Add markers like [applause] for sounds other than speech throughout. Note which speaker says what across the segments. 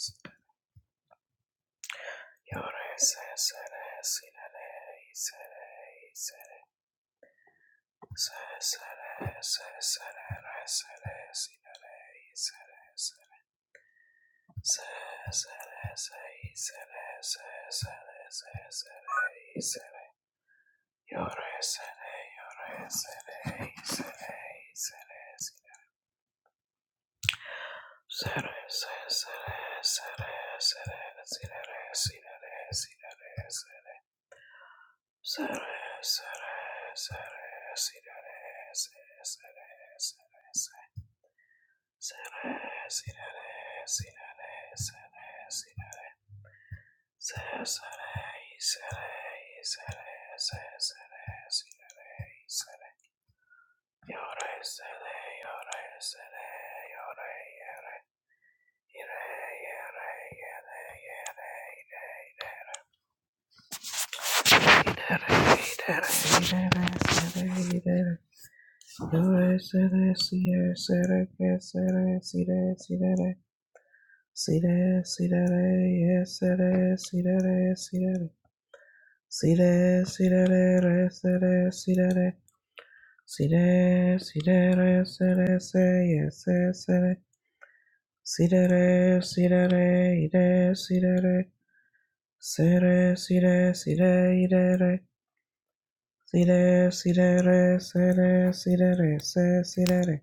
Speaker 1: sire, Yes, Sere, sere, sere, sirere, sere, sere, sere, sere, sere, sirere, sirere, sere, sirere, sere, sere, sere, sere, sere, sere, sirere, sere, yore, sere, yore, sere, yore, yere, ire, yere, yere, yere, idere, idere, idere, sere, idere, Sire, sire, sire, sire, que sire, sire, sire, sire, sire, Yes, sire, sire, sire, sire, sire, re, sire, sire, sire, sire, re, sire, se, Yes, Sidere, sidere, sidere, sidere, sidere, sidere,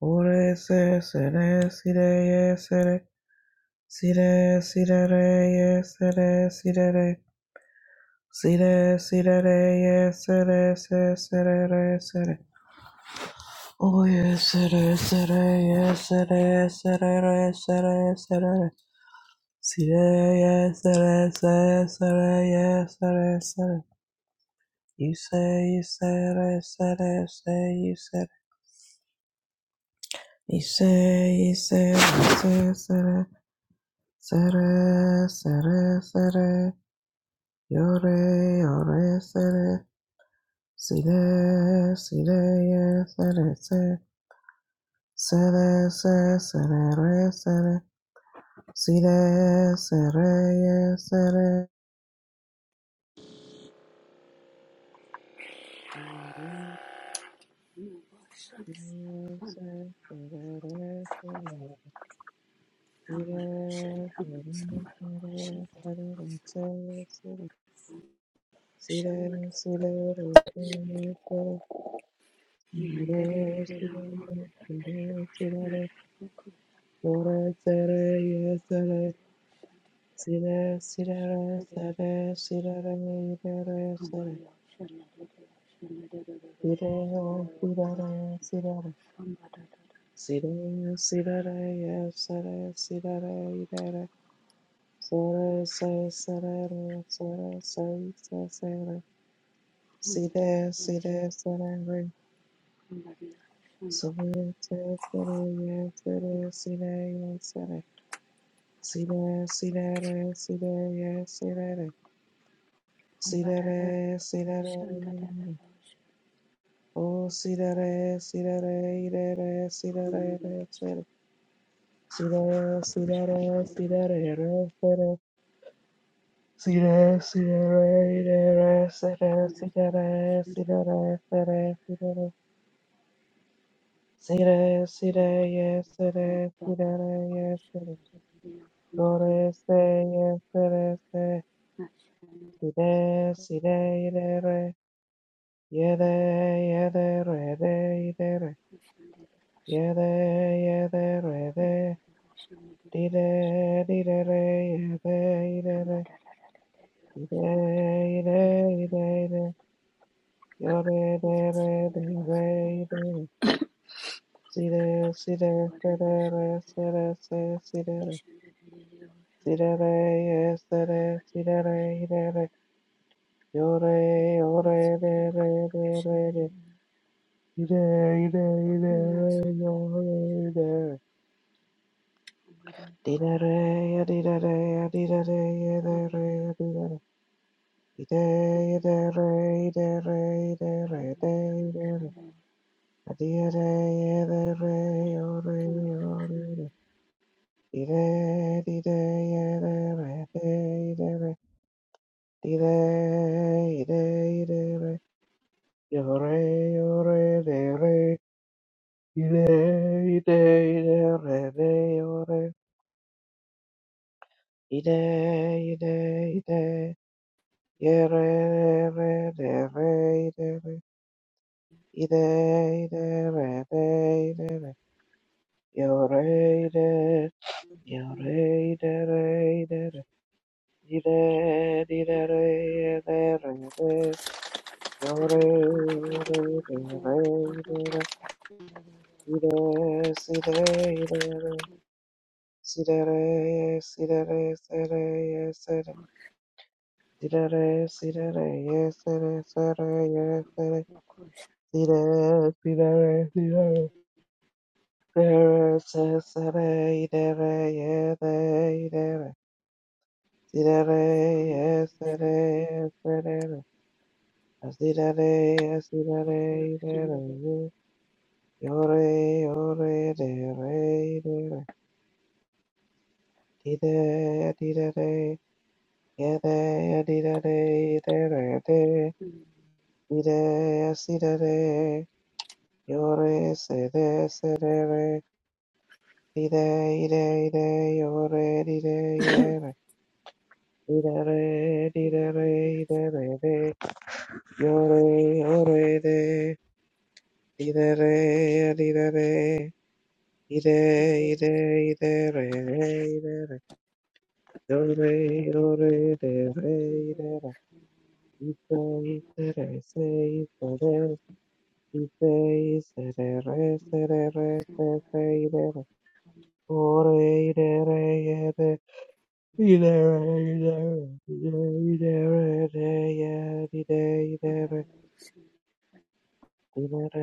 Speaker 1: Ore se sere sire ye sere sire sire re ye sere sire re sire sire re ye sere se sere re sere O ye sere sere ye sere sere re sere sere re sire ye sere se sere ye sere sere You say you sere sere say you sere You say you sere sere Sere, sere, sere, yore, yore, sere, sire, sire, ye, sere, se, sere, se, sere, re, sere, sire, sere, ye, sere, sire,
Speaker 2: Somebody
Speaker 1: se, sere, re, sere, sire, sire, sere, sere, se, sire, sire, re, sere, sire, Sire, See that, see that, see that, yeah, see that, see that, see that, oh, see that, see that, that, see that, see that, see that, see that, see that, see that, see that, see that, see that, see that, see that, see that, see that, see
Speaker 2: Somebody,
Speaker 1: that, yes, see that, see that, yes, see that, go to say, yes, see that, see that, see that, see that, Yede, yede, rede, yidere. Yede, yede, rede. Dide, didere, yede, yidere. Yide, yide, yide, yide. Yode, dere, dere, yidere. Side, side, sedere, sede, se, sidere. Sidere, yesere, sidere, yidere. Yore, yore, dere, dere, de. Yide, yide, yidere, yore, yidere. Dee-da-da, dee-da-da, dee-da-da, dee-da-da, dee-da-da. Dee-da, dee-da-da, dee-da-da, dee-da-da,
Speaker 2: somebody, somebody,
Speaker 1: dee-da-da.
Speaker 2: somebody,
Speaker 1: Dee-da-da,
Speaker 2: somebody.
Speaker 1: dee-da-da, oh-da,
Speaker 2: Thank
Speaker 1: oh-da-da. Dee-da, dee-da, dee-da-da, dee-da-da. Dee-da, dee-da, dee-da-da. Yo-re, yo-re, de-re. Dee-da, dee-da, dee-da-da, de, yo-re. Dee-da, dee-da, dee-da. Yore, Sidere, sidere, yes, sidere, sidere, yes, sidere, sidere, sidere, sidere. Dere sesere idere yede idere. Sidere yesere yeserere. Asidere yesidere idere yu. Yore yore dere idere. Dide didere yede yedidere idere de. Dide yesidere. Yore sede sedere. Dide ide ide yore dide idere. Idare, didare, idare, de, yore, ore, de, didare, didare, ide, re idare, idare, yore, ore, de, re, idare, ite, itere, se, itere, ite, isere, re, sere, re, re, se, re, re, se, idare, ore, idare, ide, idare, idare, re, idare, de, ya, Yabba,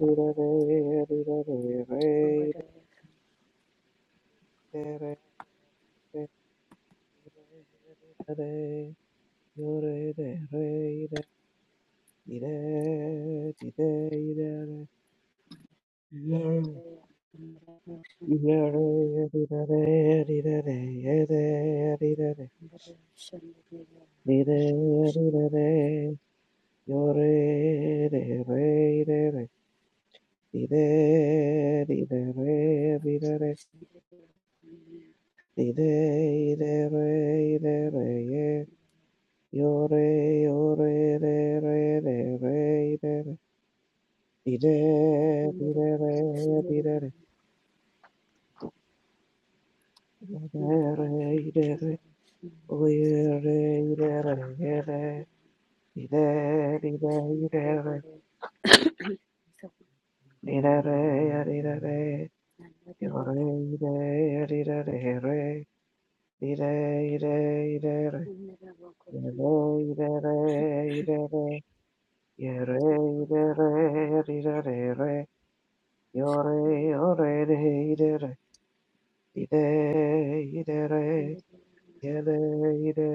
Speaker 2: you. Shandere,
Speaker 1: Yore de re de ide ide ide re. Yore de re de de de ide ide de ide ide de. Yore de re de re ide ide re ide re ide ide re ide re ye. Yore yore de re de re ide re ide ide re ide re. Yore,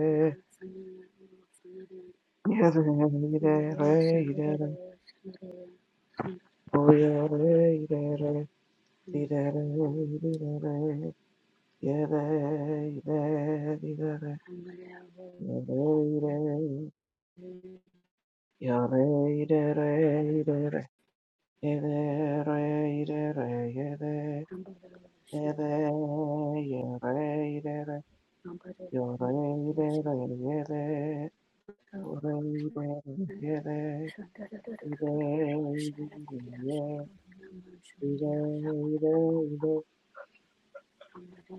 Speaker 2: Shandar,
Speaker 1: Yeah,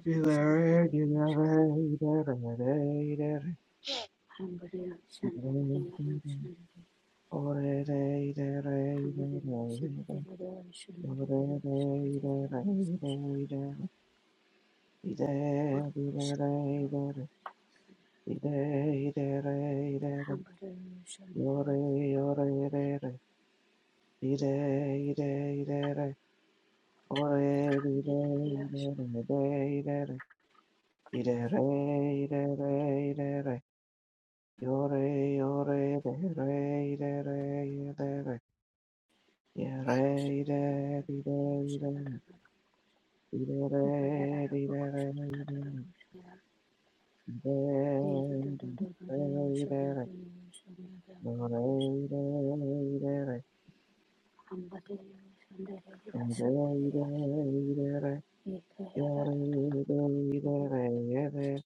Speaker 1: Ore
Speaker 2: Hamba
Speaker 1: Yore, yore, de, re, de, re, de, re, ye, re, de, di, de, de, di, de, re, di, de, re, de, di, de, re, de, re, yore, de, de, re, de, de, de, re, yore, de, de, re, ye, de,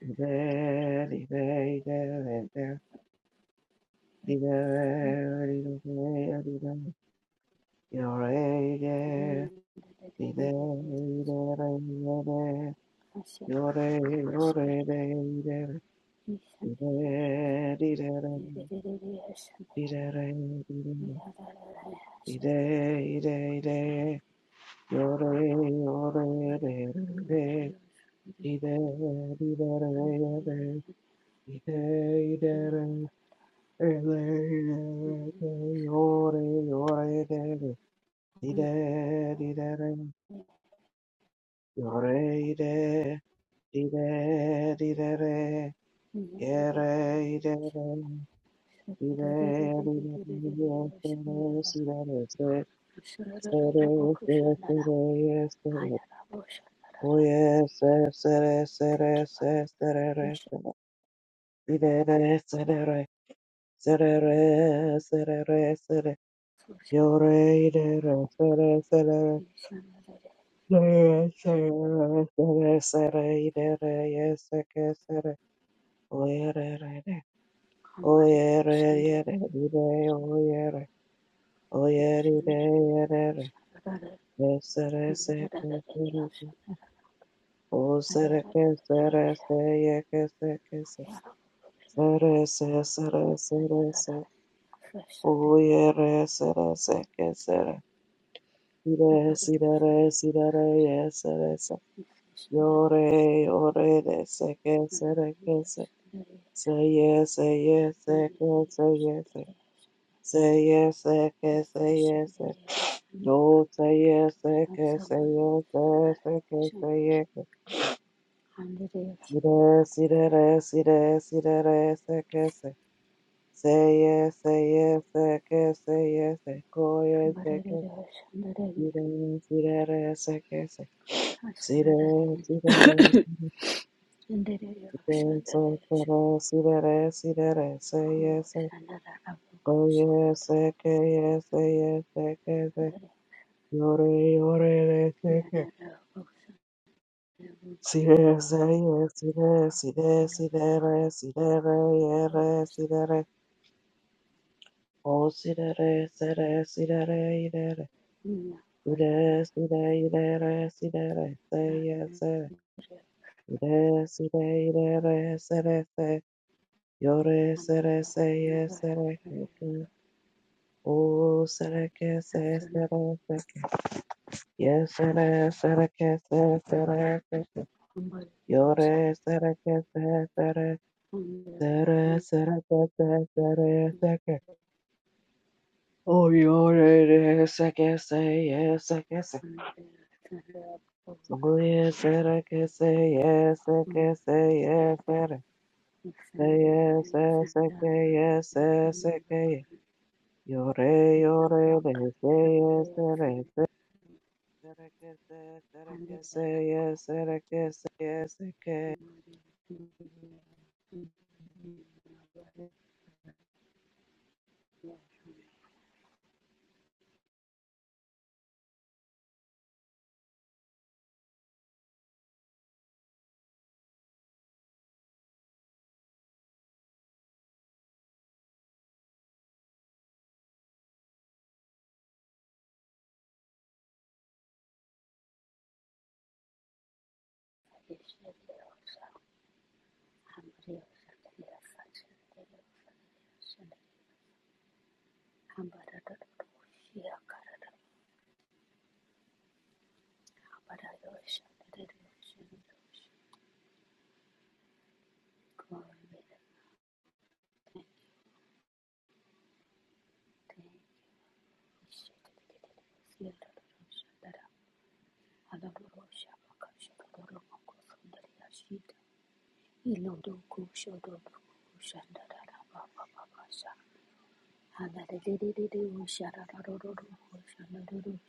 Speaker 1: di, de, di, de, de, re, de, di, de, re, di, de, re, di, de,
Speaker 2: Thank
Speaker 1: yore, Ire, ire, ire, yore, yore, ire, ire, ire, ire, ire, ire, ire, ire, yore, yore, ire, ire, ire, ire, ire, ire, yore, yore, ire, ire, ire, yore, ire, ire, ire. Yere, ire, ire, ire, yes, yes, yes, sere, sere, sere, yes, sere. Oh, yes, yes, sere, sere, sere, sere, re, sere. Ire, re, sere, re, sere, re, sere, re, sere. Yore, ire, re, sere, sere, re, sere, re, sere,
Speaker 2: you.
Speaker 1: sere, ire, re, yes, seke, sere. Oh, yere, re, re. Oh,
Speaker 2: Shandere, Shandere,
Speaker 1: yere, yere, ire, oh, yere. Say yes,
Speaker 2: Shandere,
Speaker 1: say yes, say yes, say yes, say yes, say yes,
Speaker 2: Shandere,
Speaker 1: say yes, No say yes, say yes, say yes, say yes, say yes. Say yes, say yes, say yes, say yes, say yes. Say yes, say yes, say yes, say yes, say go yes, say yes. Say yes, say yes, say yes,
Speaker 2: Shandere,
Speaker 1: say
Speaker 2: Shandere yo,
Speaker 1: yes.
Speaker 2: shandere,
Speaker 1: Say yes, say yes, say yes, say yes, say yes, say
Speaker 2: shamho,
Speaker 1: yes.
Speaker 2: shandere abuko,
Speaker 1: Say yes, say yes, say yes, say yes, say yes. Say yes, say yes, say yes, say
Speaker 2: shandere
Speaker 1: yes, say yes.
Speaker 2: yanara abuko, shandere abuko,
Speaker 1: Sire, sire, sire, sire,
Speaker 2: yanara
Speaker 1: sire, sire, sire, sire. Oh, sire, sire, sire, ire.
Speaker 2: shamina, vasana,
Speaker 1: Ire, sire, ire, sire, sire, sire.
Speaker 2: shandere
Speaker 1: Ire, sire, ire, sire, sire. Yore, sire,
Speaker 2: amara, vasana,
Speaker 1: sire, sire,
Speaker 2: varashana,
Speaker 1: sire. Oh, sire, que, sire,
Speaker 2: nasana,
Speaker 1: sire, sire. Yes, sire, sire, que, sire, sire, sire.
Speaker 2: humbari, vasana,
Speaker 1: Yore, sire, que, sire, sire.
Speaker 2: humbari, humbari, shandere abuko, shamina, shandere
Speaker 1: Sere,
Speaker 2: yanara, shandere
Speaker 1: sere, sere, sere, sere, seke. Oyore, re, seke, se, ye, seke, se. Songoye, sere, ke, se, ye, seke, se, ye, sere. Se, ye, se, seke, ye,
Speaker 2: asana,
Speaker 1: se,
Speaker 2: dasama,
Speaker 1: seke, ye.
Speaker 2: varashana,
Speaker 1: Yore, yore,
Speaker 2: apaka,
Speaker 1: le, se, ye,
Speaker 2: shandere
Speaker 1: sere, se. Sere, ke, se, sere, ke, se,
Speaker 2: asana,
Speaker 1: ye, sere, ke, se, ye, seke.
Speaker 2: Ilo dogo shodo dogo shandara baba baba sha Hallelujah.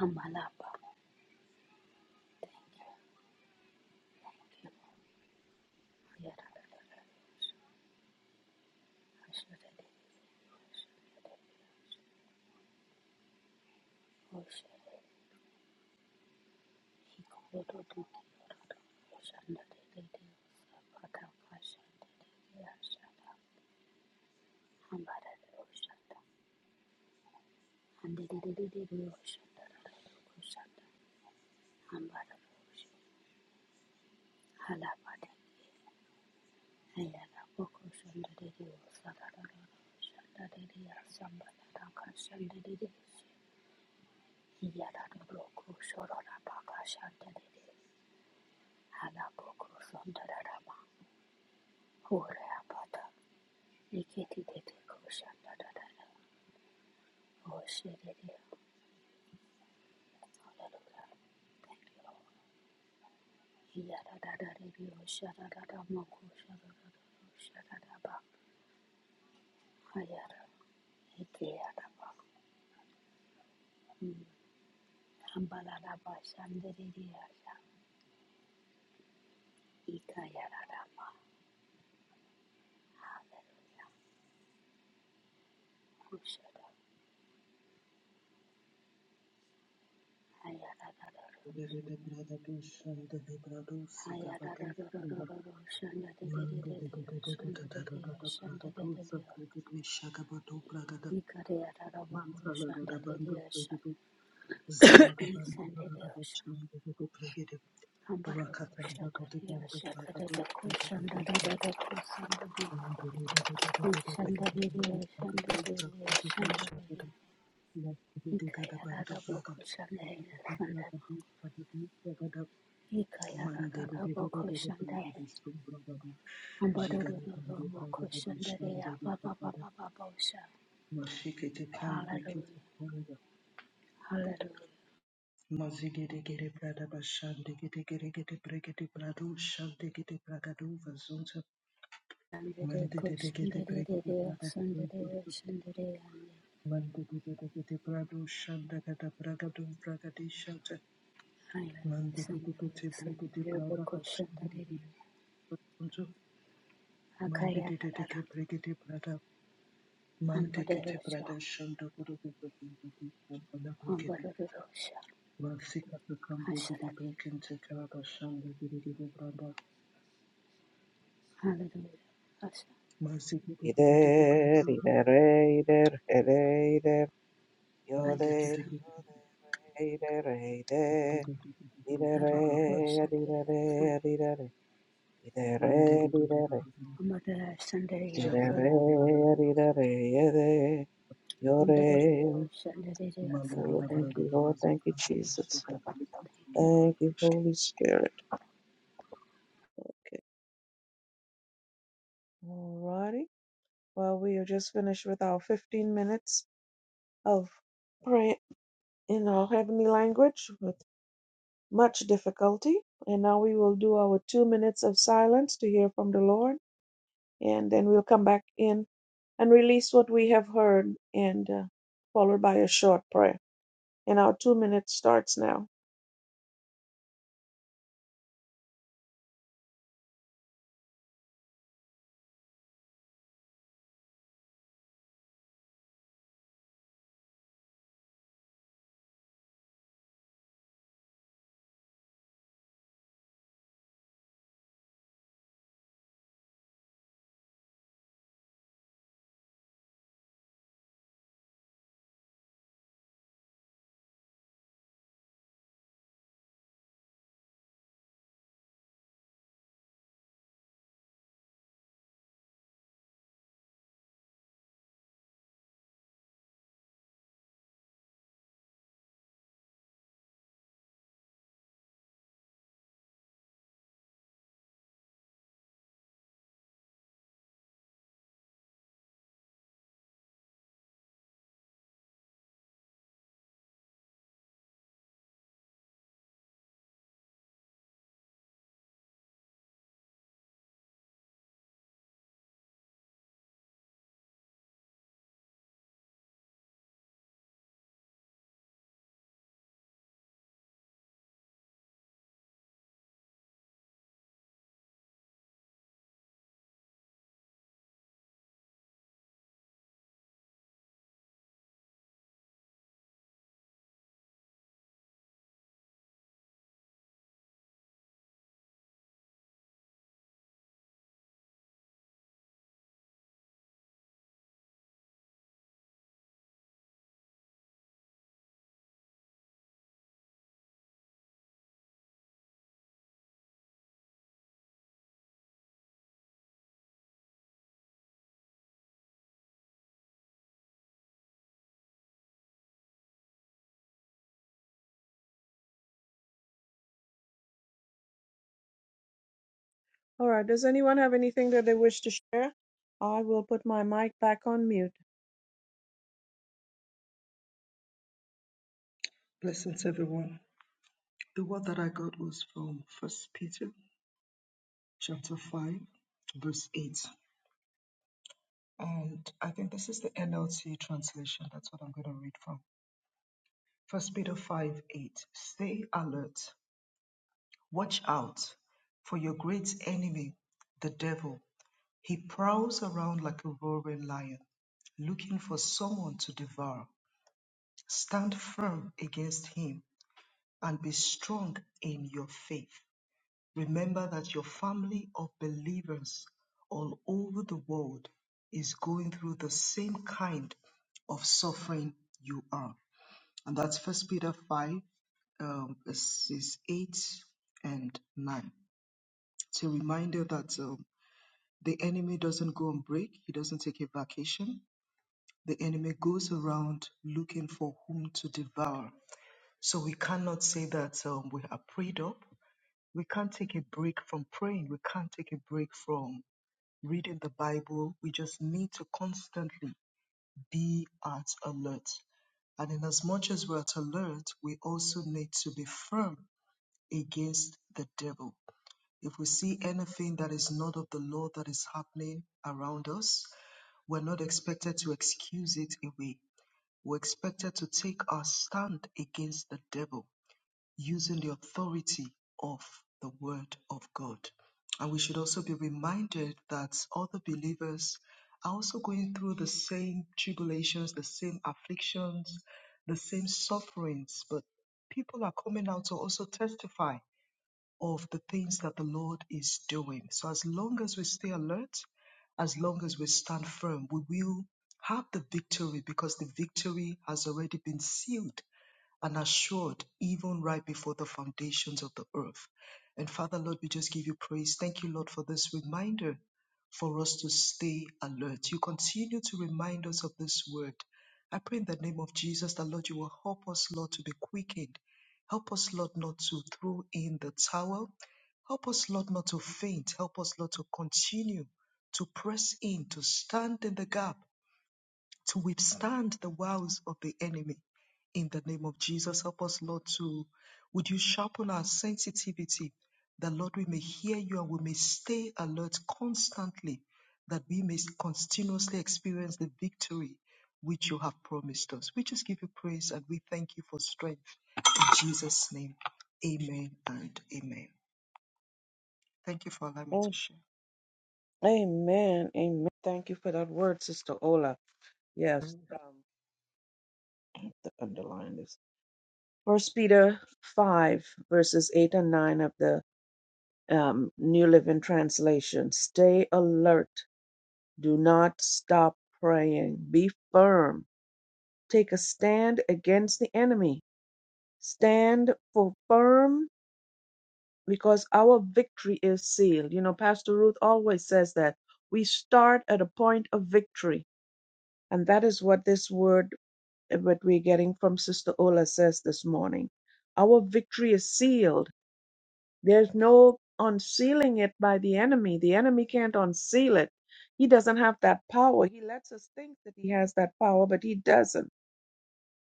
Speaker 2: Hamalapa, Hallelujah. Yadanaboku Sororabaka Shantanede Hanaboku Sondarama Horeapata Iketi Dete Koshanadana Oshedede Hallelujah. Thank you, Lord. Yadadadadi Oshadadamaku Shadadadaba Hayada Ikeyadaba Hambaladaba Shandediyasa Ikayadadama Hallelujah. Kushada
Speaker 3: de de
Speaker 2: Hayadadadaru
Speaker 3: de brada dushan de de brado
Speaker 2: Shandere, Ambaro, Ambaro,
Speaker 3: sika bado sunda
Speaker 2: Ambaro,
Speaker 3: mande de de de de de de
Speaker 2: Shandere,
Speaker 3: de de de brada dusa brada de shaka bado brada de shakabado bragada mansa lado de bando brada de zega de bando brada de shan de de de brada de rakata brada de bando brada de shaka bado mande de de de de de de de de de de brada dusa brada de shaka de mande de de de de bando brada de brada de brada de brada de Mande de de de de de de brava de sum brava da Jiga de bundu brava da basham de bashande de
Speaker 2: Abba, Abba,
Speaker 3: brava de
Speaker 2: Abba, Abba, Abba,
Speaker 3: Mashike te kambu kete
Speaker 2: Hallelujah.
Speaker 3: panda
Speaker 2: Hallelujah.
Speaker 3: Mazige de gere brada basham de gete gere gete bregete brado sham de gete bragado vazunza
Speaker 2: Shandere
Speaker 3: Mande
Speaker 2: ko
Speaker 3: de de gete
Speaker 2: shandere re re
Speaker 3: bregete
Speaker 2: o
Speaker 3: brava de
Speaker 2: shandere re
Speaker 3: vazunza
Speaker 2: shandere ande.
Speaker 3: Mande de de de gete brado shanda gata bragado de shanta
Speaker 2: Haya
Speaker 3: Mande de de
Speaker 2: sanyala
Speaker 3: gete bregete
Speaker 2: sanyala bo
Speaker 3: brada
Speaker 2: ko
Speaker 3: de
Speaker 2: shandere
Speaker 3: gete
Speaker 2: re.
Speaker 3: vazunza Mande
Speaker 2: Akaya
Speaker 3: de de de
Speaker 2: rara.
Speaker 3: gete bregete
Speaker 2: Ambare
Speaker 3: Mandekete
Speaker 2: osha.
Speaker 3: Pradeshanda Guru Padakrikete
Speaker 2: Ambare osha.
Speaker 3: Vasika to
Speaker 2: Ashara.
Speaker 3: Kambikete Kalabashanda Guru Branda
Speaker 2: Hallelujah. Asha.
Speaker 3: Masikete
Speaker 1: Ide,
Speaker 3: Gurukete Prandu
Speaker 1: ide, re, ide, re, ide, ide.
Speaker 2: Haya
Speaker 1: Yode,
Speaker 3: Mandekete
Speaker 2: san.
Speaker 1: yode, re, ide, re, ide. Didere,
Speaker 3: Gurukete
Speaker 2: Ababa
Speaker 3: Prandu
Speaker 2: ko shandere
Speaker 1: didere,
Speaker 2: o san.
Speaker 1: didere, didere,
Speaker 3: Mandere
Speaker 1: didere,
Speaker 2: Ambare shandere ya
Speaker 1: didere,
Speaker 3: Jabraga
Speaker 2: san.
Speaker 3: Braga da
Speaker 1: didere,
Speaker 3: Pasuka
Speaker 1: yere,
Speaker 2: Ambare re o
Speaker 1: yore.
Speaker 2: shandere re ya san.
Speaker 3: Malaga
Speaker 1: Oh,
Speaker 2: Ambare.
Speaker 1: thank
Speaker 3: Braga
Speaker 1: you,
Speaker 3: da
Speaker 1: Lord. Thank you, Jesus.
Speaker 2: Thank you, Lord.
Speaker 1: Thank you, Holy Spirit. Alrighty. Well, we are just finished with our 15 minutes of prayer in our heavenly language with much difficulty. And now we will do our two minutes of silence to hear from the Lord. and then we'll come back in and release what we have heard, and uh, followed by a short prayer. And our two minutes starts now. All right. Does anyone have anything that they wish to share? I will put my mic back on mute.
Speaker 3: Blessings everyone. The word that I got was from First Peter chapter 5 verse 8 And I think this is the NLT translation. That's what I'm going to read from. First Peter 5 8. Stay alert. Watch out for your great enemy, the devil. He prowls around like a roaring lion, looking for someone to devour. Stand firm against him and be strong in your faith. Remember that your family of believers all over the world is going through the same kind of suffering you are. And that's First Peter 5, um, verses 8 and 9. It's a reminder that um, the enemy doesn't go on break, he doesn't take a vacation. The enemy goes around looking for whom to devour. So we cannot say that um, we are prayed up. We can't take a break from praying. We can't take a break from reading the Bible, we just need to constantly be at alert. And in as much as we're at alert, we also need to be firm against the devil. If we see anything that is not of the Lord that is happening around us, we're not expected to excuse it away. We're expected to take our stand against the devil using the authority of the Word of God. And we should also be reminded that other believers are also going through the same tribulations, the same afflictions, the same sufferings, but people are coming out to also testify of the things that the Lord is doing. So as long as we stay alert, as long as we stand firm, we will have the victory because the victory has already been sealed and assured even right before the foundations of the earth. And Father, Lord, we just give you praise. Thank you, Lord, for this reminder for us to stay alert. You continue to remind us of this word. I pray in the name of Jesus that, Lord, you will help us, Lord, to be quickened. Help us, Lord, not to throw in the towel. Help us, Lord, not to faint. Help us, Lord, to continue to press in, to stand in the gap to withstand the wiles of the enemy. In the name of Jesus, help us, Lord, to would you sharpen our sensitivity that, Lord, we may hear you and we may stay alert constantly, that we may continuously experience the victory which you have promised us. We just give you praise and we thank you for strength. In Jesus' name, amen and amen. Thank you for allowing me to
Speaker 1: Oh,
Speaker 3: share.
Speaker 1: amen. Amen. Thank you for that word, Sister Ola. Yes. Um, I have to underline this. First Peter five verses eight and nine of the um, New Living Translation. Stay alert. Do not stop praying. Be firm. Take a stand against the enemy. Stand for firm because our victory is sealed. You know, Pastor Ruth always says that we start at a point of victory. And that is what this word, eh, what we're getting from Sister Ola says this morning. Our victory is sealed There's no unsealing it by the enemy. The enemy can't unseal it. He doesn't have that power. He lets us think that he has that power, but he doesn't.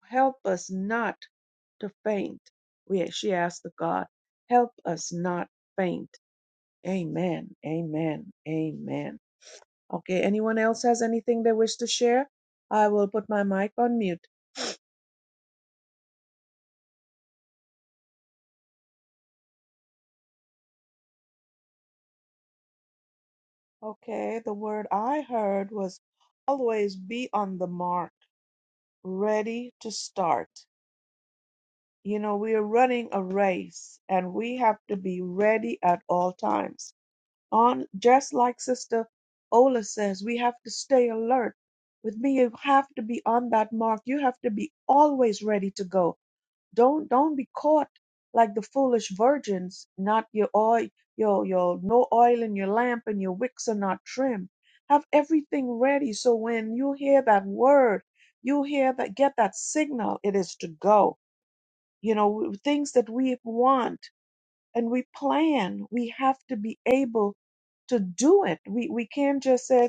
Speaker 1: Help us not to faint. We, she asked the God, help us not faint. Amen. Amen. Amen. Okay. Anyone else has anything they wish to share? I will put my mic on mute. Okay. The word I heard was always be on the mark, ready to start. You know, we are running a race and we have to be ready at all times. On just like Sister Ola says, we have to stay alert. With me, you have to be on that mark. You have to be always ready to go. Don't don't be caught like the foolish virgins, not your oil, your your no oil in your lamp and your wicks are not trimmed. Have everything ready so when you hear that word, you hear that get that signal, it is to go you know things that we want and we plan we have to be able to do it we we can't just say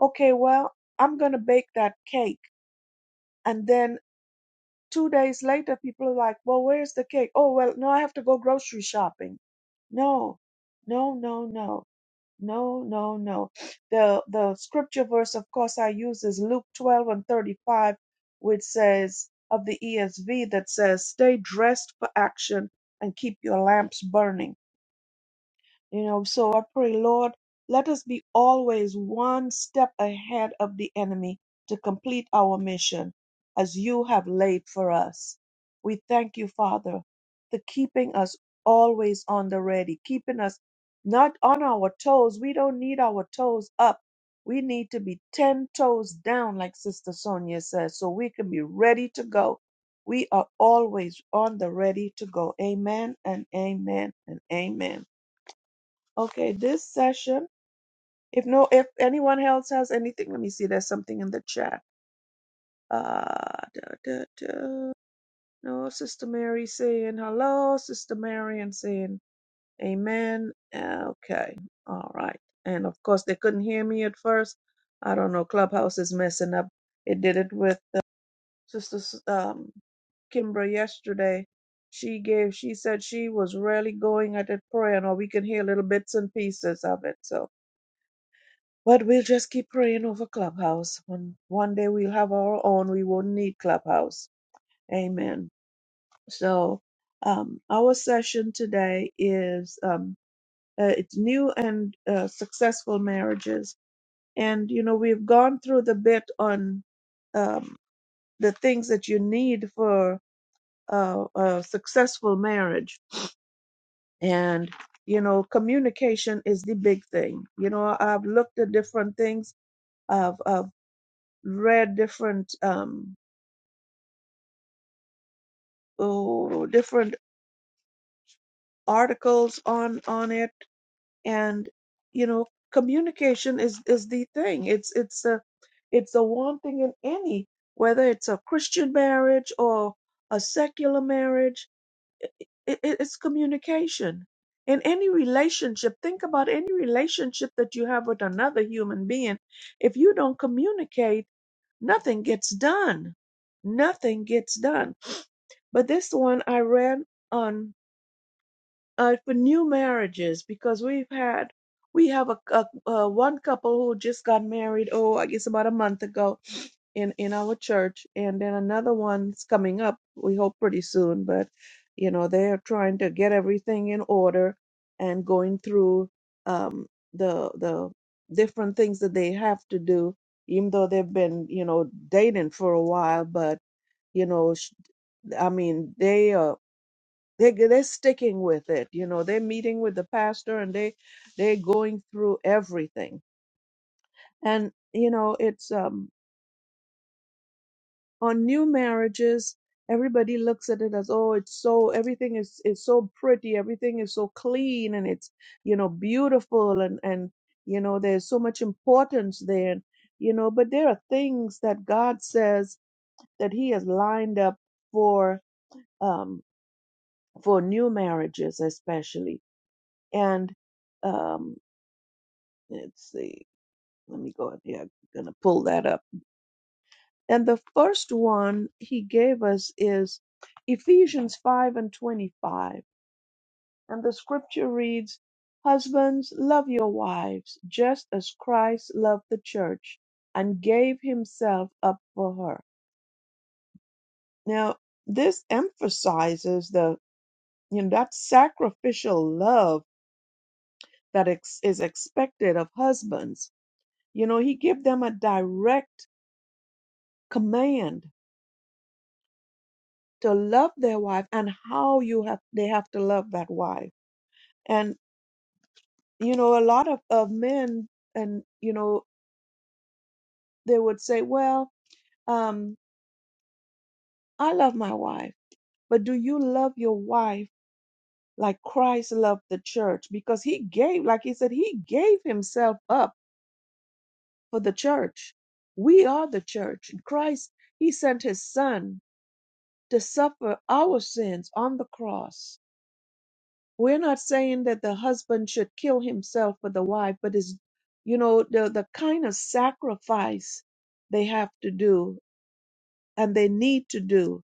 Speaker 1: okay well i'm going to bake that cake and then 2 days later people are like well where's the cake oh well no i have to go grocery shopping no no no no no, no, no. The the scripture verse, of course, I use is Luke 12 and 35, which says of the ESV that says, "Stay dressed for action and keep your lamps burning." You know, so I pray, Lord, let us be always one step ahead of the enemy to complete our mission as you have laid for us. We thank you, Father, for keeping us always on the ready, keeping us not on our toes. We don't need our toes up. We need to be 10 toes down, like Sister Sonia says, so we can be ready to go. We are always on the ready to go. Amen and amen and amen. Okay, this session, if no, if anyone else has anything, let me see. There's something in the chat. Uh, da, da, da. No, Sister Mary saying hello, Sister Mary saying amen. Uh, Okay, all right. And of course, they couldn't hear me at first. I don't know. Clubhouse is messing up. It did it with uh, Sister S- um, Kimbra yesterday. She gave. She said she was really going at it praying, or we can hear little bits and pieces of it. So But we'll just keep praying over Clubhouse. When one day we'll have our own, we won't need Clubhouse. Amen. So um, our session today is um, uh, it's new and uh, successful marriages. And you know we've gone through the bit on um, the things that you need for uh, a successful marriage. And you know communication is the big thing. You know I've looked at different things. I've, I've read different um oh, different articles on on it and you know communication is is the thing it's it's a it's the one thing in any whether it's a christian marriage or a secular marriage it, it, it's communication in any relationship think about any relationship that you have with another human being if you don't communicate nothing gets done nothing gets done But this one I ran on uh, for new marriages because we've had we have a, a uh, one couple who just got married. Oh, I guess about a month ago in in our church, and then another one's coming up. We hope pretty soon, but you know they're trying to get everything in order and going through um, the the different things that they have to do, even though they've been you know dating for a while, but you know sh- I mean, they are they they're sticking with it. You know, they're meeting with the pastor and they they're going through everything. And you know, it's um on new marriages, everybody looks at it as oh, it's so everything is is so pretty, everything is so clean and it's you know beautiful and and you know there's so much importance there. You know, but there are things that God says that He has lined up for um for new marriages especially and. Um, Let's see. Let me go up here. I'm gonna pull that up. And the first one he gave us is Ephesians 5 and 25. And the scripture reads, Husbands, love your wives, just as Christ loved the church and gave himself up for her. Now, this emphasizes the, you know, that sacrificial love that ex- is expected of husbands. You know, he gave them a direct command to love their wife and how you have they have to love that wife and you know a lot of, of men and you know they would say well um i love my wife but do you love your wife like christ loved the church because he gave like he said he gave himself up for the church we are the church christ he sent his son to suffer our sins on the cross We're not saying that the husband should kill himself for the wife, but it's, you know, the, the kind of sacrifice they have to do and they need to do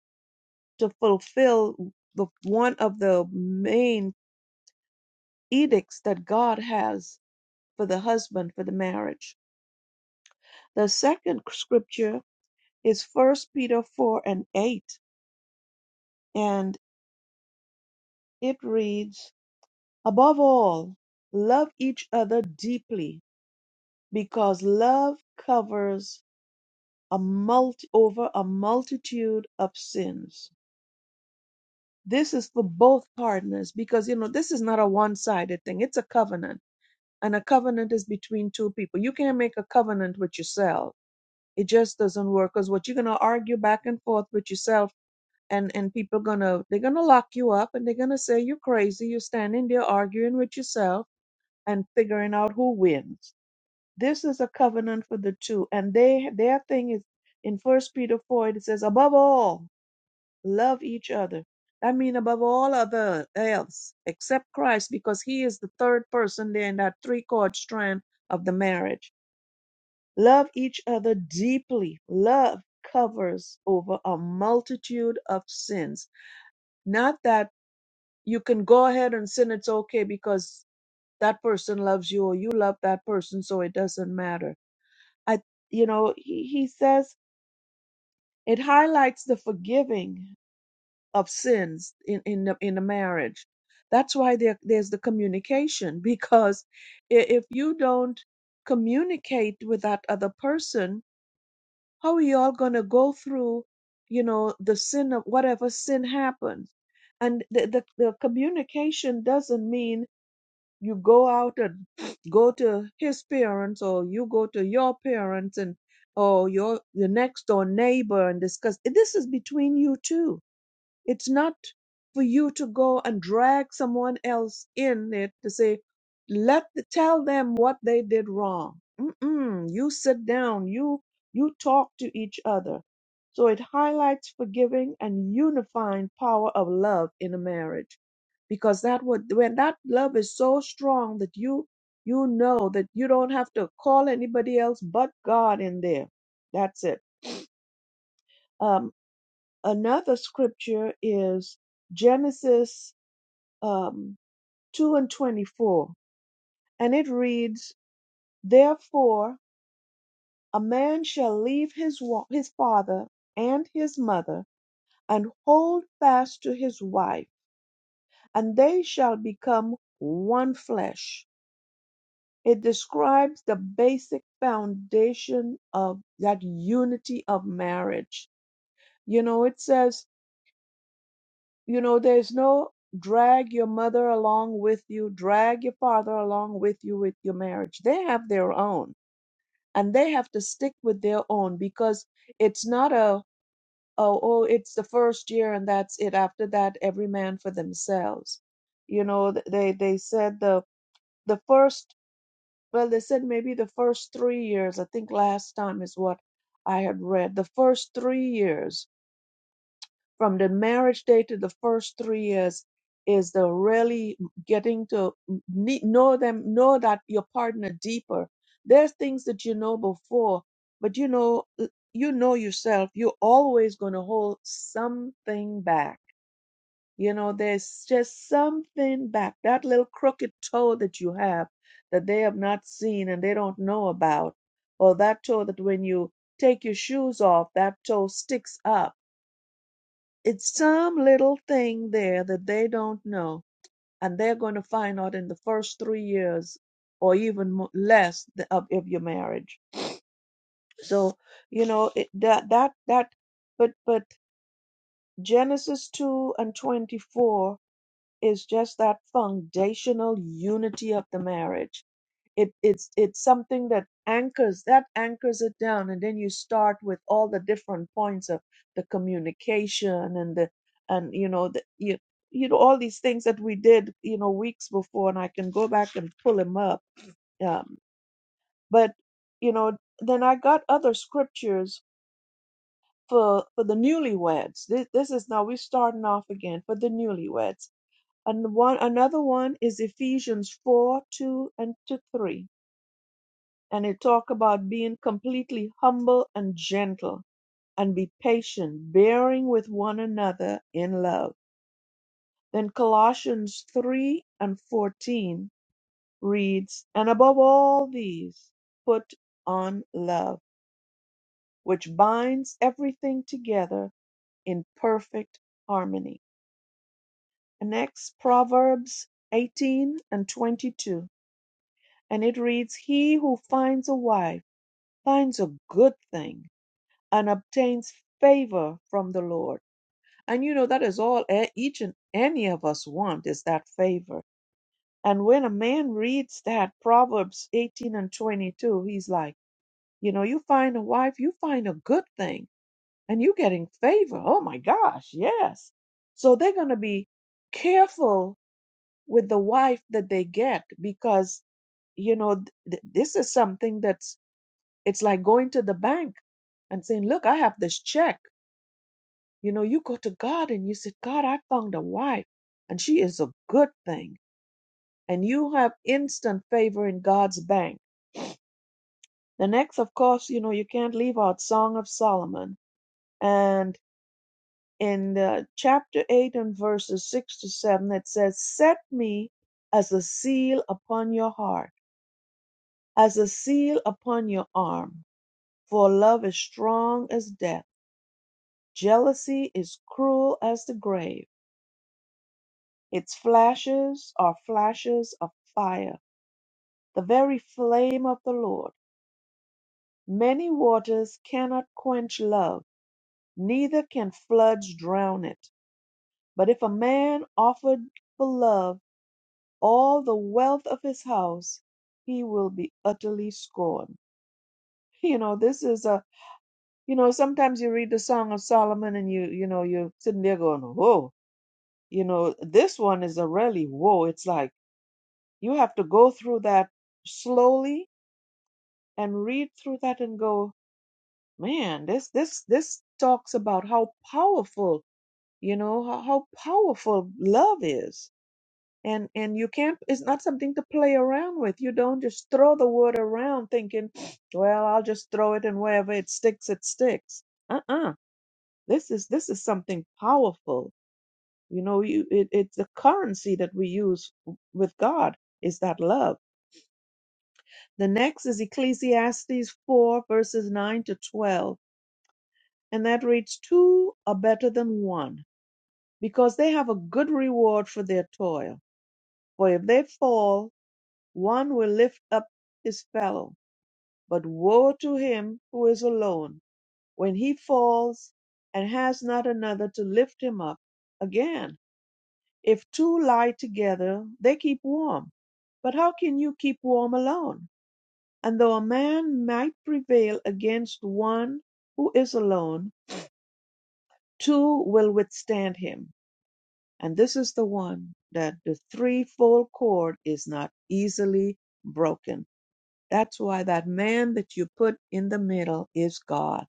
Speaker 1: to fulfill the one of the main edicts that God has for the husband for the marriage. The second scripture is First Peter 4 and 8, and it reads, Above all, love each other deeply because love covers a multi, over a multitude of sins. This is for both partners because, you know, this is not a one sided thing, it's a covenant. And a covenant is between two people. You can't make a covenant with yourself. It just doesn't work because what you're going to argue back and forth with yourself and, and people going to, they're going to lock you up and they're going to say you're crazy. You're standing there arguing with yourself and figuring out who wins. This is a covenant for the two. And they, their thing is in First Peter 4, it says, above all, Love each other. I mean, above all other else, except Christ, because He is the third person there in that three chord strand of the marriage. Love each other deeply. Love covers over a multitude of sins. Not that you can go ahead and sin, it's okay because that person loves you or you love that person, so it doesn't matter. I, you know, he, he says it highlights the forgiving. of sins in in the, in the marriage. That's why there there's the communication [laughs] because i- if you don't communicate with that other person, how are y'all gonna go through, you know, the sin of whatever sin happens? And the the, the communication doesn't mean you go out and [sniffs] go to his parents or you go to your parents and or your the next door neighbor and discuss this is between you two it's not for you to go and drag someone else in it to say, let the, tell them what they did wrong. Mm-mm. You sit down. You you talk to each other. So it highlights forgiving and unifying power of love in a marriage, because that would when that love is so strong that you you know that you don't have to call anybody else but God in there. That's it. Um, Another scripture is Genesis um, 2 and 24, and it reads, Therefore a man shall leave his, wa- his father and his mother and hold fast to his wife, and they shall become one flesh. It describes the basic foundation of that unity of marriage. You know, it says You know, there's no drag your mother along with you, drag your father along with you with your marriage. They have their own and they have to stick with their own because it's not a, oh, oh, it's the first year and that's it. After that, every man for themselves. You know, th- they, they said the, the first, well, they said maybe the first three years, I think last time is what I had read, the first three years from the marriage day to the first three years is the really getting to ne- know them know that your partner deeper there's things that you know before but you know you know yourself you're always going to hold something back you know there's just something back that little crooked toe that you have that they have not seen and they don't know about or that toe that when you take your shoes off that toe sticks up it's some little thing there that they don't know, and they're going to find out in the first three years or even mo- less th- of, of your marriage. So, you know, it, that, that, that, but, but Genesis 2 and 24 is just that foundational unity of the marriage it it's it's something that anchors that anchors it down and then you start with all the different points of the communication and the and you know the you, you know all these things that we did you know weeks before and i can go back and pull them up um, but you know then i got other scriptures for for the newlyweds this, this is now we're starting off again for the newlyweds and one another one is ephesians 4 2 and to 3 and it talk about being completely humble and gentle and be patient bearing with one another in love then colossians 3 and 14 reads and above all these put on love which binds everything together in perfect harmony and next proverbs 18 and 22 and it reads he who finds a wife finds a good thing and obtains favor from the Lord. And you know, that is all e- each and any of us want is that favor. And when a man reads that Proverbs 18 and 22, he's like, you know, you find a wife, you find a good thing, and you're getting favor. Oh my gosh, yes. So they're going to be careful with the wife that they get because, you know, th- th- this is something that's, it's like going to the bank and saying, look, I have this check You know, you go to God and you say, God, I found a wife and she is a good thing. And you have instant favor in God's bank. The next, of course, you know, you can't leave out Song of Solomon. And in the chapter 8 and verses 6 to 7, it says, Set me as a seal upon your heart, as a seal upon your arm. For love is strong as death, jealousy is cruel as the grave. Its flashes are flashes of fire, the very flame of the Lord. Many waters cannot quench love, neither can floods drown it. But if a man offered for love all the wealth of his house, he will be utterly scorned. [laughs] You know, this is a, you know, sometimes you read the Song of Solomon and you, you know, you're sitting there going, whoa. You know, this one is a really whoa. It's like you have to go through that slowly and read through that and go, man, this this this talks about how powerful, you know, how, how powerful love is. And and you can't it's not something to play around with. You don't just throw the word around thinking, [sniffs] well, I'll just throw it and wherever it sticks, it sticks. Uh-uh. This is this is something powerful. You know, you it, it's the currency that we use with God is that love. The next is Ecclesiastes 4 verses 9 to 12 and that reads two are better than one, because they have a good reward for their toil. For if they fall, one will lift up his fellow. But woe to him who is alone when he falls and has not another to lift him up. Again, if two lie together, they keep warm. But how can you keep warm alone? And though a man might prevail against one who is alone, two will withstand him And this is the one that the threefold cord is not easily broken. That's why that man that you put in the middle is God.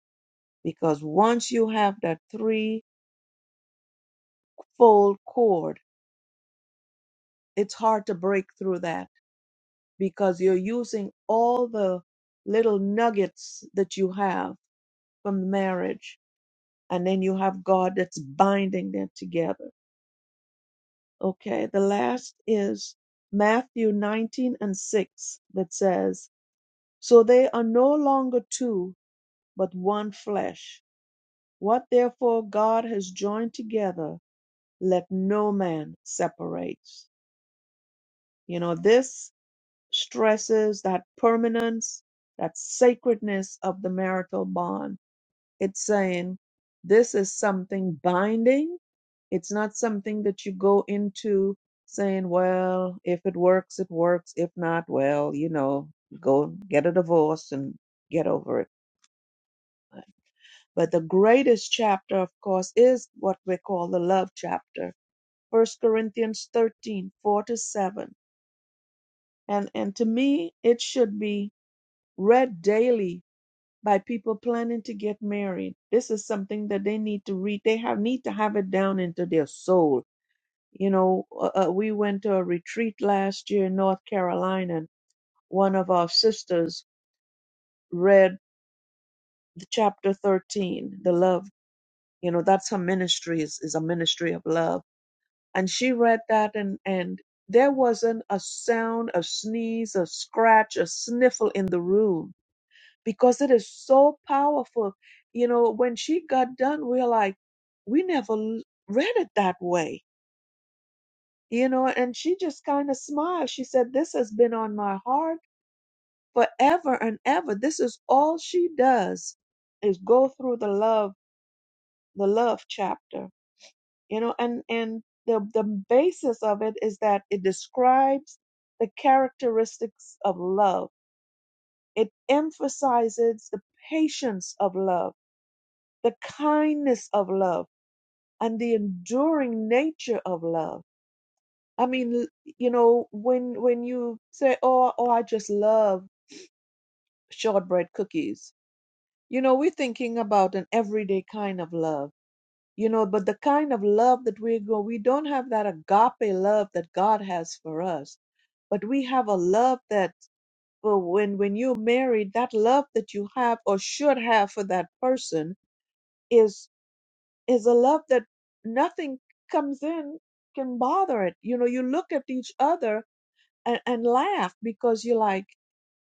Speaker 1: Because once you have that threefold cord, it's hard to break through that because you're using all the little nuggets that you have from marriage. And then you have God that's binding them together. Okay, the last is Matthew 19 and 6 that says, So they are no longer two, but one flesh. What therefore God has joined together, let no man separate. You know, this stresses that permanence, that sacredness of the marital bond. It's saying this is something binding. It's not something that you go into saying, well, if it works, it works. If not, well, you know, go get a divorce and get over it But the greatest chapter, of course, is what we call the love chapter, First Corinthians 13 4 to 7. And, and to me, it should be read daily by people planning to get married. This is something that they need to read. They have need to have it down into their soul. You know, uh, uh, we went to a retreat last year in North Carolina, and one of our sisters read the chapter 13, the love. You know, that's her ministry is, is a ministry of love and she read that and and there wasn't a sound a sneeze a scratch a sniffle in the room because it is so powerful you know when she got done we're like we never l- read it that way you know and she just kind of smiled she said this has been on my heart forever and ever this is all she does is go through the love the love chapter you know and and the the basis of it is that it describes the characteristics of love it emphasizes the patience of love the kindness of love and the enduring nature of love i mean you know when when you say oh oh i just love shortbread cookies you know we're thinking about an everyday kind of love you know but the kind of love that we go we don't have that agape love that god has for us but we have a love that well, when when you're married that love that you have or should have for that person is is a love that nothing comes in can bother it you know you look at each other and, and laugh because you're like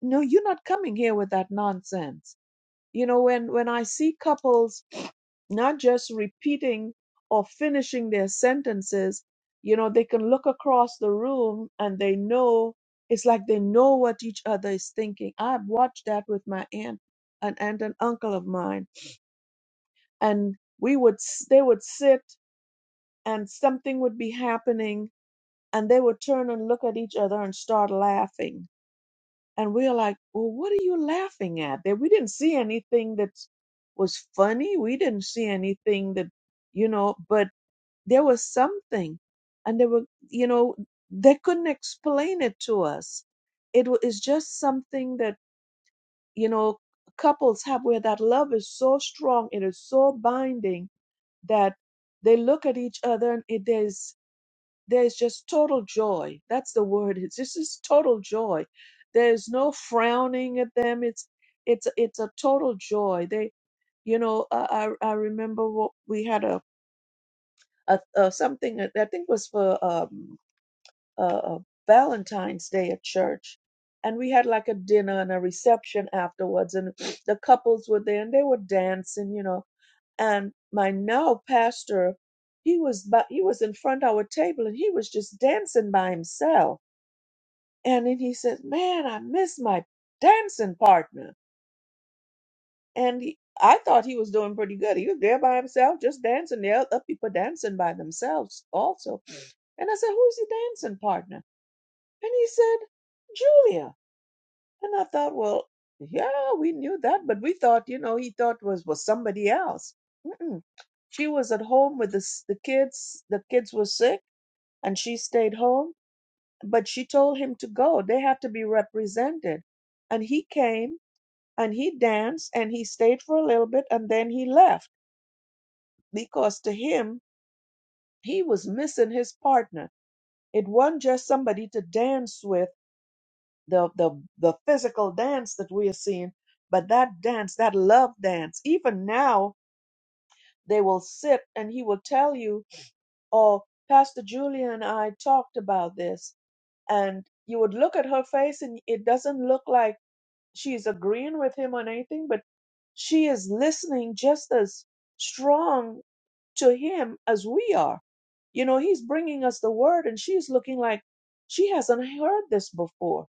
Speaker 1: no you're not coming here with that nonsense you know, when, when I see couples not just repeating or finishing their sentences, you know, they can look across the room and they know it's like they know what each other is thinking. I've watched that with my aunt, an aunt and uncle of mine, and we would s- they would sit and something would be happening and they would turn and look at each other and start laughing and we're like, well, what are you laughing at? That we didn't see anything that was funny. We didn't see anything that, you know, but there was something, and they were, you know, they couldn't explain it to us. It wa- is just something that you know couples have where that love is so strong, it is so binding that they look at each other and it is there's just total joy. That's the word. It's just this total joy. There's no frowning at them. It's it's it's a total joy. They, you know, I I, I remember what we had a, a, a something that I think was for um uh, uh, Valentine's Day at church, and we had like a dinner and a reception afterwards, and the couples were there and they were dancing, you know, and my now pastor he was by, he was in front of our table and he was just dancing by himself and then he says, Man, I miss my dancing partner. And he, I thought he was doing pretty good. He was there by himself, just dancing. There are other people dancing by themselves also. And I said, Who's your dancing partner? And he said, Julia. And I thought, Well, yeah, we knew that, but we thought, you know, he thought was was somebody else. Mm-mm. She was at home with the, s- the kids. The kids were sick, and she stayed home. But she told him to go. They had to be represented, and he came and he danced and he stayed for a little bit and then he left because to him he was missing his partner it wasn't just somebody to dance with the the the physical dance that we are seeing but that dance that love dance even now they will sit and he will tell you oh pastor julia and i talked about this and you would look at her face and it doesn't look like she's agreeing with him on anything but she is listening just as strong to him as we are. You know, he's bringing us the word, and she's looking like she hasn't heard this before.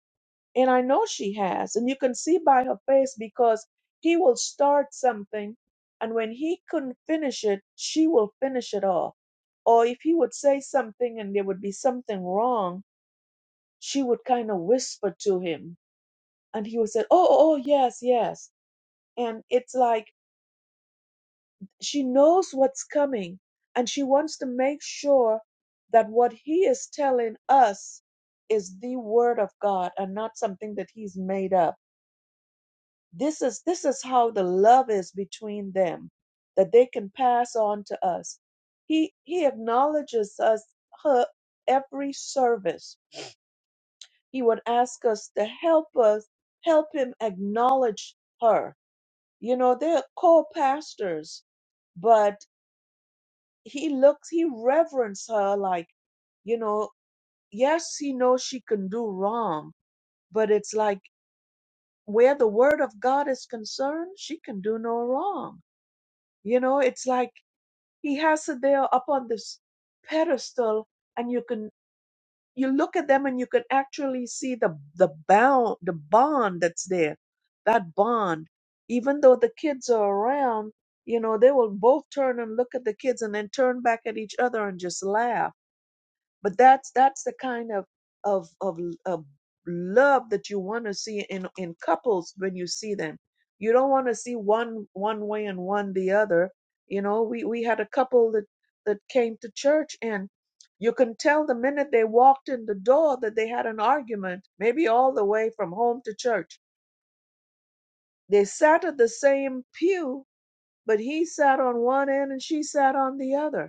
Speaker 1: And I know she has. And you can see by her face because he will start something, and when he couldn't finish it, she will finish it off. Or if he would say something and there would be something wrong, she would kind of whisper to him, and he would say, Oh, oh, oh, yes, yes. And it's like, She knows what's coming, and she wants to make sure that what he is telling us is the word of God and not something that he's made up. This is this is how the love is between them that they can pass on to us. He he acknowledges us her every service. He would ask us to help us help him acknowledge her. You know, they're co-pastors, but he looks he reverence her like you know yes he knows she can do wrong but it's like where the word of god is concerned she can do no wrong you know it's like he has her there up on this pedestal and you can you look at them and you can actually see the the bound the bond that's there that bond even though the kids are around you know they will both turn and look at the kids and then turn back at each other and just laugh but that's that's the kind of of of, of love that you want to see in in couples when you see them you don't want to see one one way and one the other you know we we had a couple that that came to church and you can tell the minute they walked in the door that they had an argument maybe all the way from home to church they sat at the same pew but he sat on one end and she sat on the other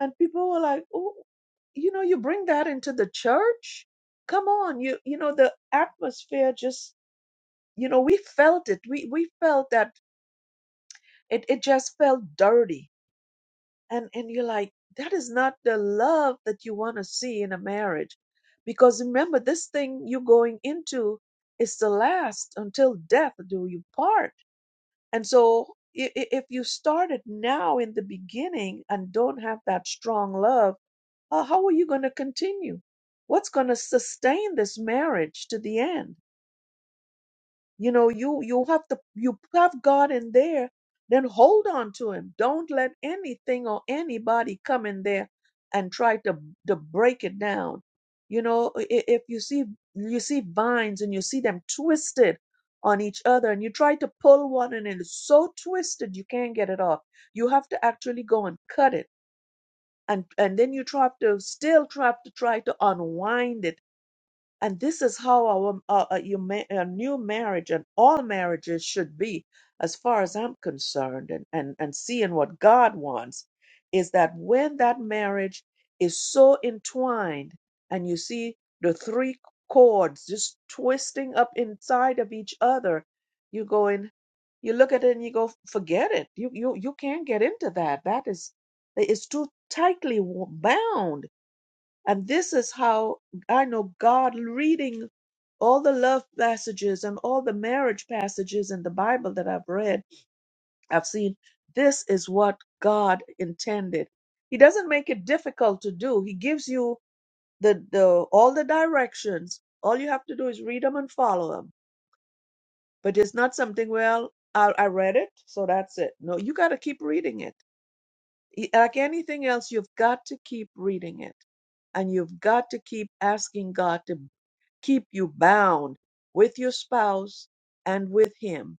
Speaker 1: and people were like oh you know you bring that into the church come on you you know the atmosphere just you know we felt it we we felt that it it just felt dirty and and you're like that is not the love that you want to see in a marriage because remember this thing you're going into is to last until death do you part and so i- i- if you start it now in the beginning and don't have that strong love Uh, how are you going to continue? What's going to sustain this marriage to the end? You know, you you have to you have God in there, then hold on to Him. Don't let anything or anybody come in there and try to to break it down. You know, i- i- if you see you see vines and you see them twisted on each other, and you try to pull one and it's so twisted you can't get it off. You have to actually go and cut it and and then you try to still try to try to unwind it and this is how our uh, uh, your ma- uh, new marriage and all marriages should be, as far as I'm concerned, and, and, and seeing what God wants is that when that marriage is so entwined, and you see the three cords just twisting up inside of each other, you go in, you look at it and you go, forget it. You you you can't get into that. That is, it's too tightly wo- bound and this is how I know God reading all the love passages and all the marriage passages in the Bible that I've read, I've seen this is what God intended. He doesn't make it difficult to do. He gives you the, the all the directions. All you have to do is read them and follow them. But it's not something, well, I, I read it, so that's it. No, you got to keep reading it. Y- Like anything else, you've got to keep reading it and you've got to keep asking God to keep you bound with your spouse and with him,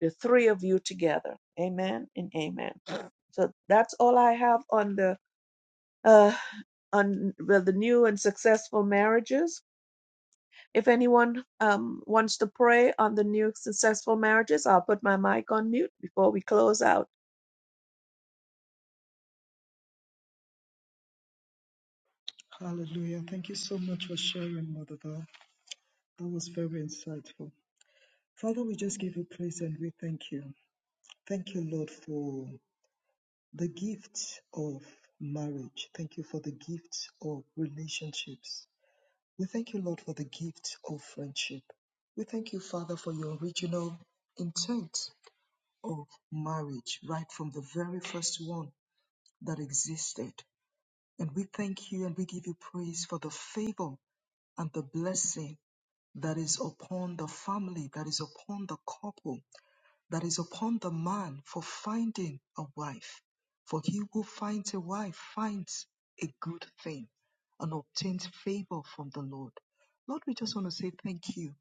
Speaker 1: the three of you together. Amen and amen. So that's all I have on the uh, on well, the new and successful marriages. If anyone um, wants to pray on the new successful marriages, I'll put my mic on mute before we close out.
Speaker 3: Hallelujah. Thank you so much for sharing, Mother. Val. That was very insightful. Father, we just give you praise and we thank you. Thank you, Lord, for the gift of marriage. Thank you for the gift of relationships. We thank you, Lord, for the gift of friendship. We thank you, Father, for your original intent of marriage, right from the very first one that existed. And we thank you and we give you praise for the favor and the blessing that is upon the family, that is upon the couple that is upon the man for finding a wife. For he who finds a wife finds a good thing and obtains favor from the Lord. Lord, we just want to say thank you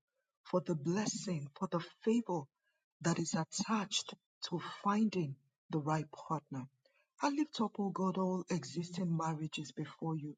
Speaker 3: for the blessing, for the favor that is attached to finding the right partner. I lift up, O God, all existing marriages before you.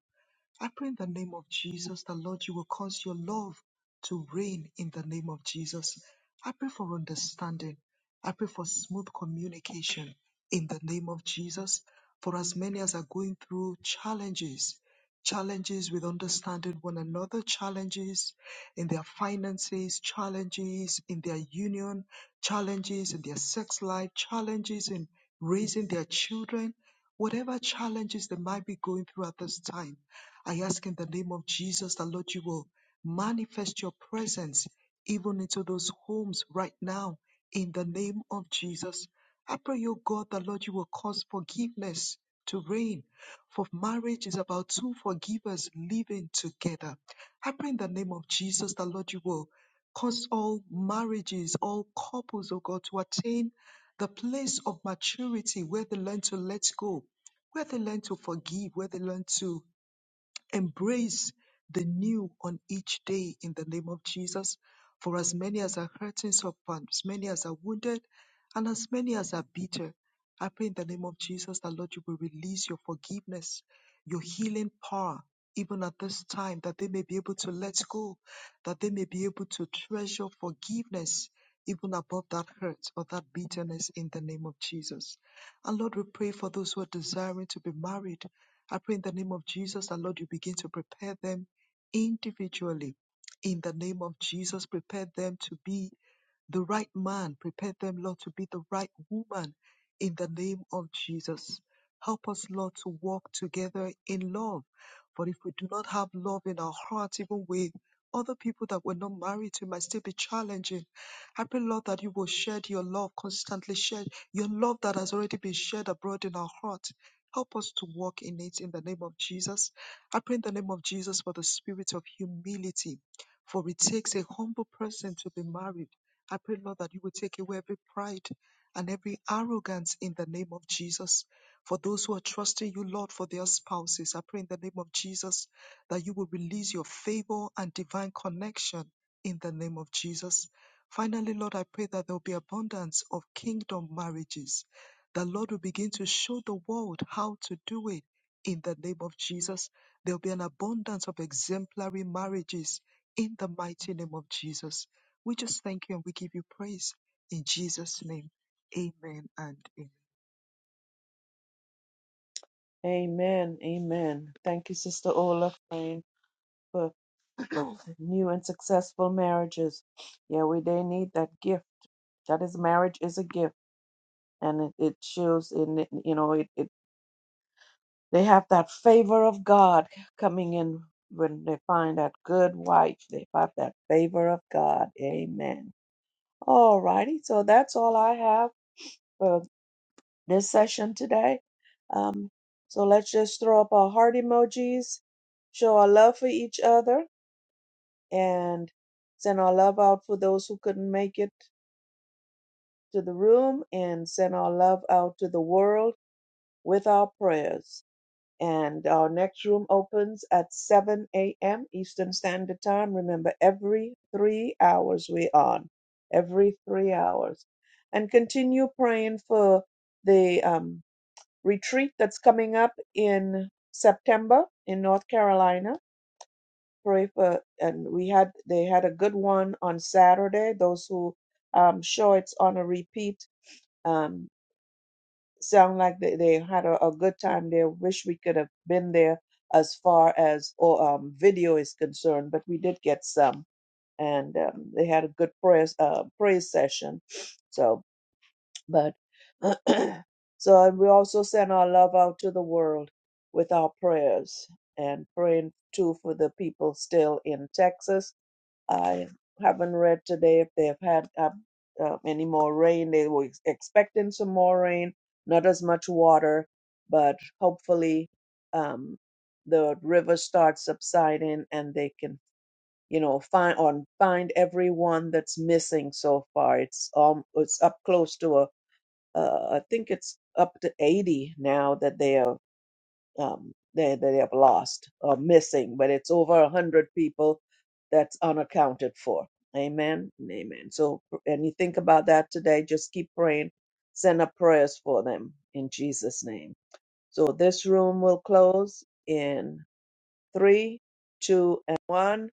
Speaker 3: I pray in the name of Jesus that, Lord, you will cause your love to reign in the name of Jesus. I pray for understanding. I pray for smooth communication in the name of Jesus. For as many as are going through challenges, challenges with understanding one another, challenges in their finances, challenges in their union, challenges in their sex life, challenges in raising their children, whatever challenges they might be going through at this time. I ask in the name of Jesus that, Lord, you will manifest your presence even into those homes right now in the name of Jesus. I pray, O God, that, Lord, you will cause forgiveness to reign. For marriage is about two forgivers living together. I pray in the name of Jesus that, Lord, you will cause all marriages, all couples, O God, to attain the place of maturity where they learn to let go, where they learn to forgive, where they learn to Embrace the new on each day in the name of Jesus. For as many as are hurting, so for as many as are wounded, and as many as are bitter, I pray in the name of Jesus that Lord, you will release your forgiveness, your healing power, even at this time, that they may be able to let go, that they may be able to treasure forgiveness, even above that hurt or that bitterness in the name of Jesus. And Lord, we pray for those who are desiring to be married. I pray in the name of Jesus that Lord, you begin to prepare them individually. In the name of Jesus, prepare them to be the right man. Prepare them, Lord, to be the right woman in the name of Jesus. Help us, Lord, to walk together in love. For if we do not have love in our heart, even with other people that we're not married to, it might still be challenging. I pray, Lord, that you will shed your love, constantly shed your love that has already been shed abroad in our heart. Help us to walk in it in the name of Jesus. I pray in the name of Jesus for the spirit of humility, for it takes a humble person to be married. I pray, Lord, that you will take away every pride and every arrogance in the name of Jesus. For those who are trusting you, Lord, for their spouses, I pray in the name of Jesus that you will release your favor and divine connection in the name of Jesus. Finally, Lord, I pray that there will be abundance of kingdom marriages. The Lord will begin to show the world how to do it in the name of Jesus. There will be an abundance of exemplary marriages in the mighty name of Jesus. We just thank you and we give you praise in Jesus' name. Amen and amen.
Speaker 1: Amen. Amen. Thank you, Sister Ola, praying for [clears throat] new and successful marriages. Yeah, we they need that gift. That is marriage is a gift and it, it shows in it, you know it, it they have that favor of god coming in when they find that good wife they have that favor of god amen all righty so that's all i have for this session today um, so let's just throw up our heart emojis show our love for each other and send our love out for those who couldn't make it to the room and send our love out to the world with our prayers And our next room opens at 7 a.m. Eastern Standard Time. Remember, every three hours we're on, every three hours. And continue praying for the um, retreat that's coming up in September in North Carolina. Pray for, and we had, they had a good one on Saturday. Those who, um, sure it's on a repeat. Um, sound like they, they had a, a good time there. Wish we could have been there as far as or um, video is concerned, but we did get some, and um, they had a good prayer uh, praise session. So, but [clears throat] so and we also send our love out to the world with our prayers and praying too for the people still in Texas I haven't read today if they've had uh, uh, any more rain. They were ex- expecting some more rain, not as much water, but hopefully um, the river starts subsiding and they can, you know, find on find everyone that's missing so far. It's um it's up close to a uh, I think it's up to 80 now that they are um, they, they have lost or missing, but it's over a 100 people that's unaccounted for. Amen. and Amen. So, and you think about that today, just keep praying. Send up prayers for them in Jesus' name. So, this room will close in three, two, and one.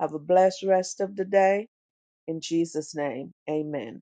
Speaker 1: Have a blessed rest of the day in Jesus' name. Amen.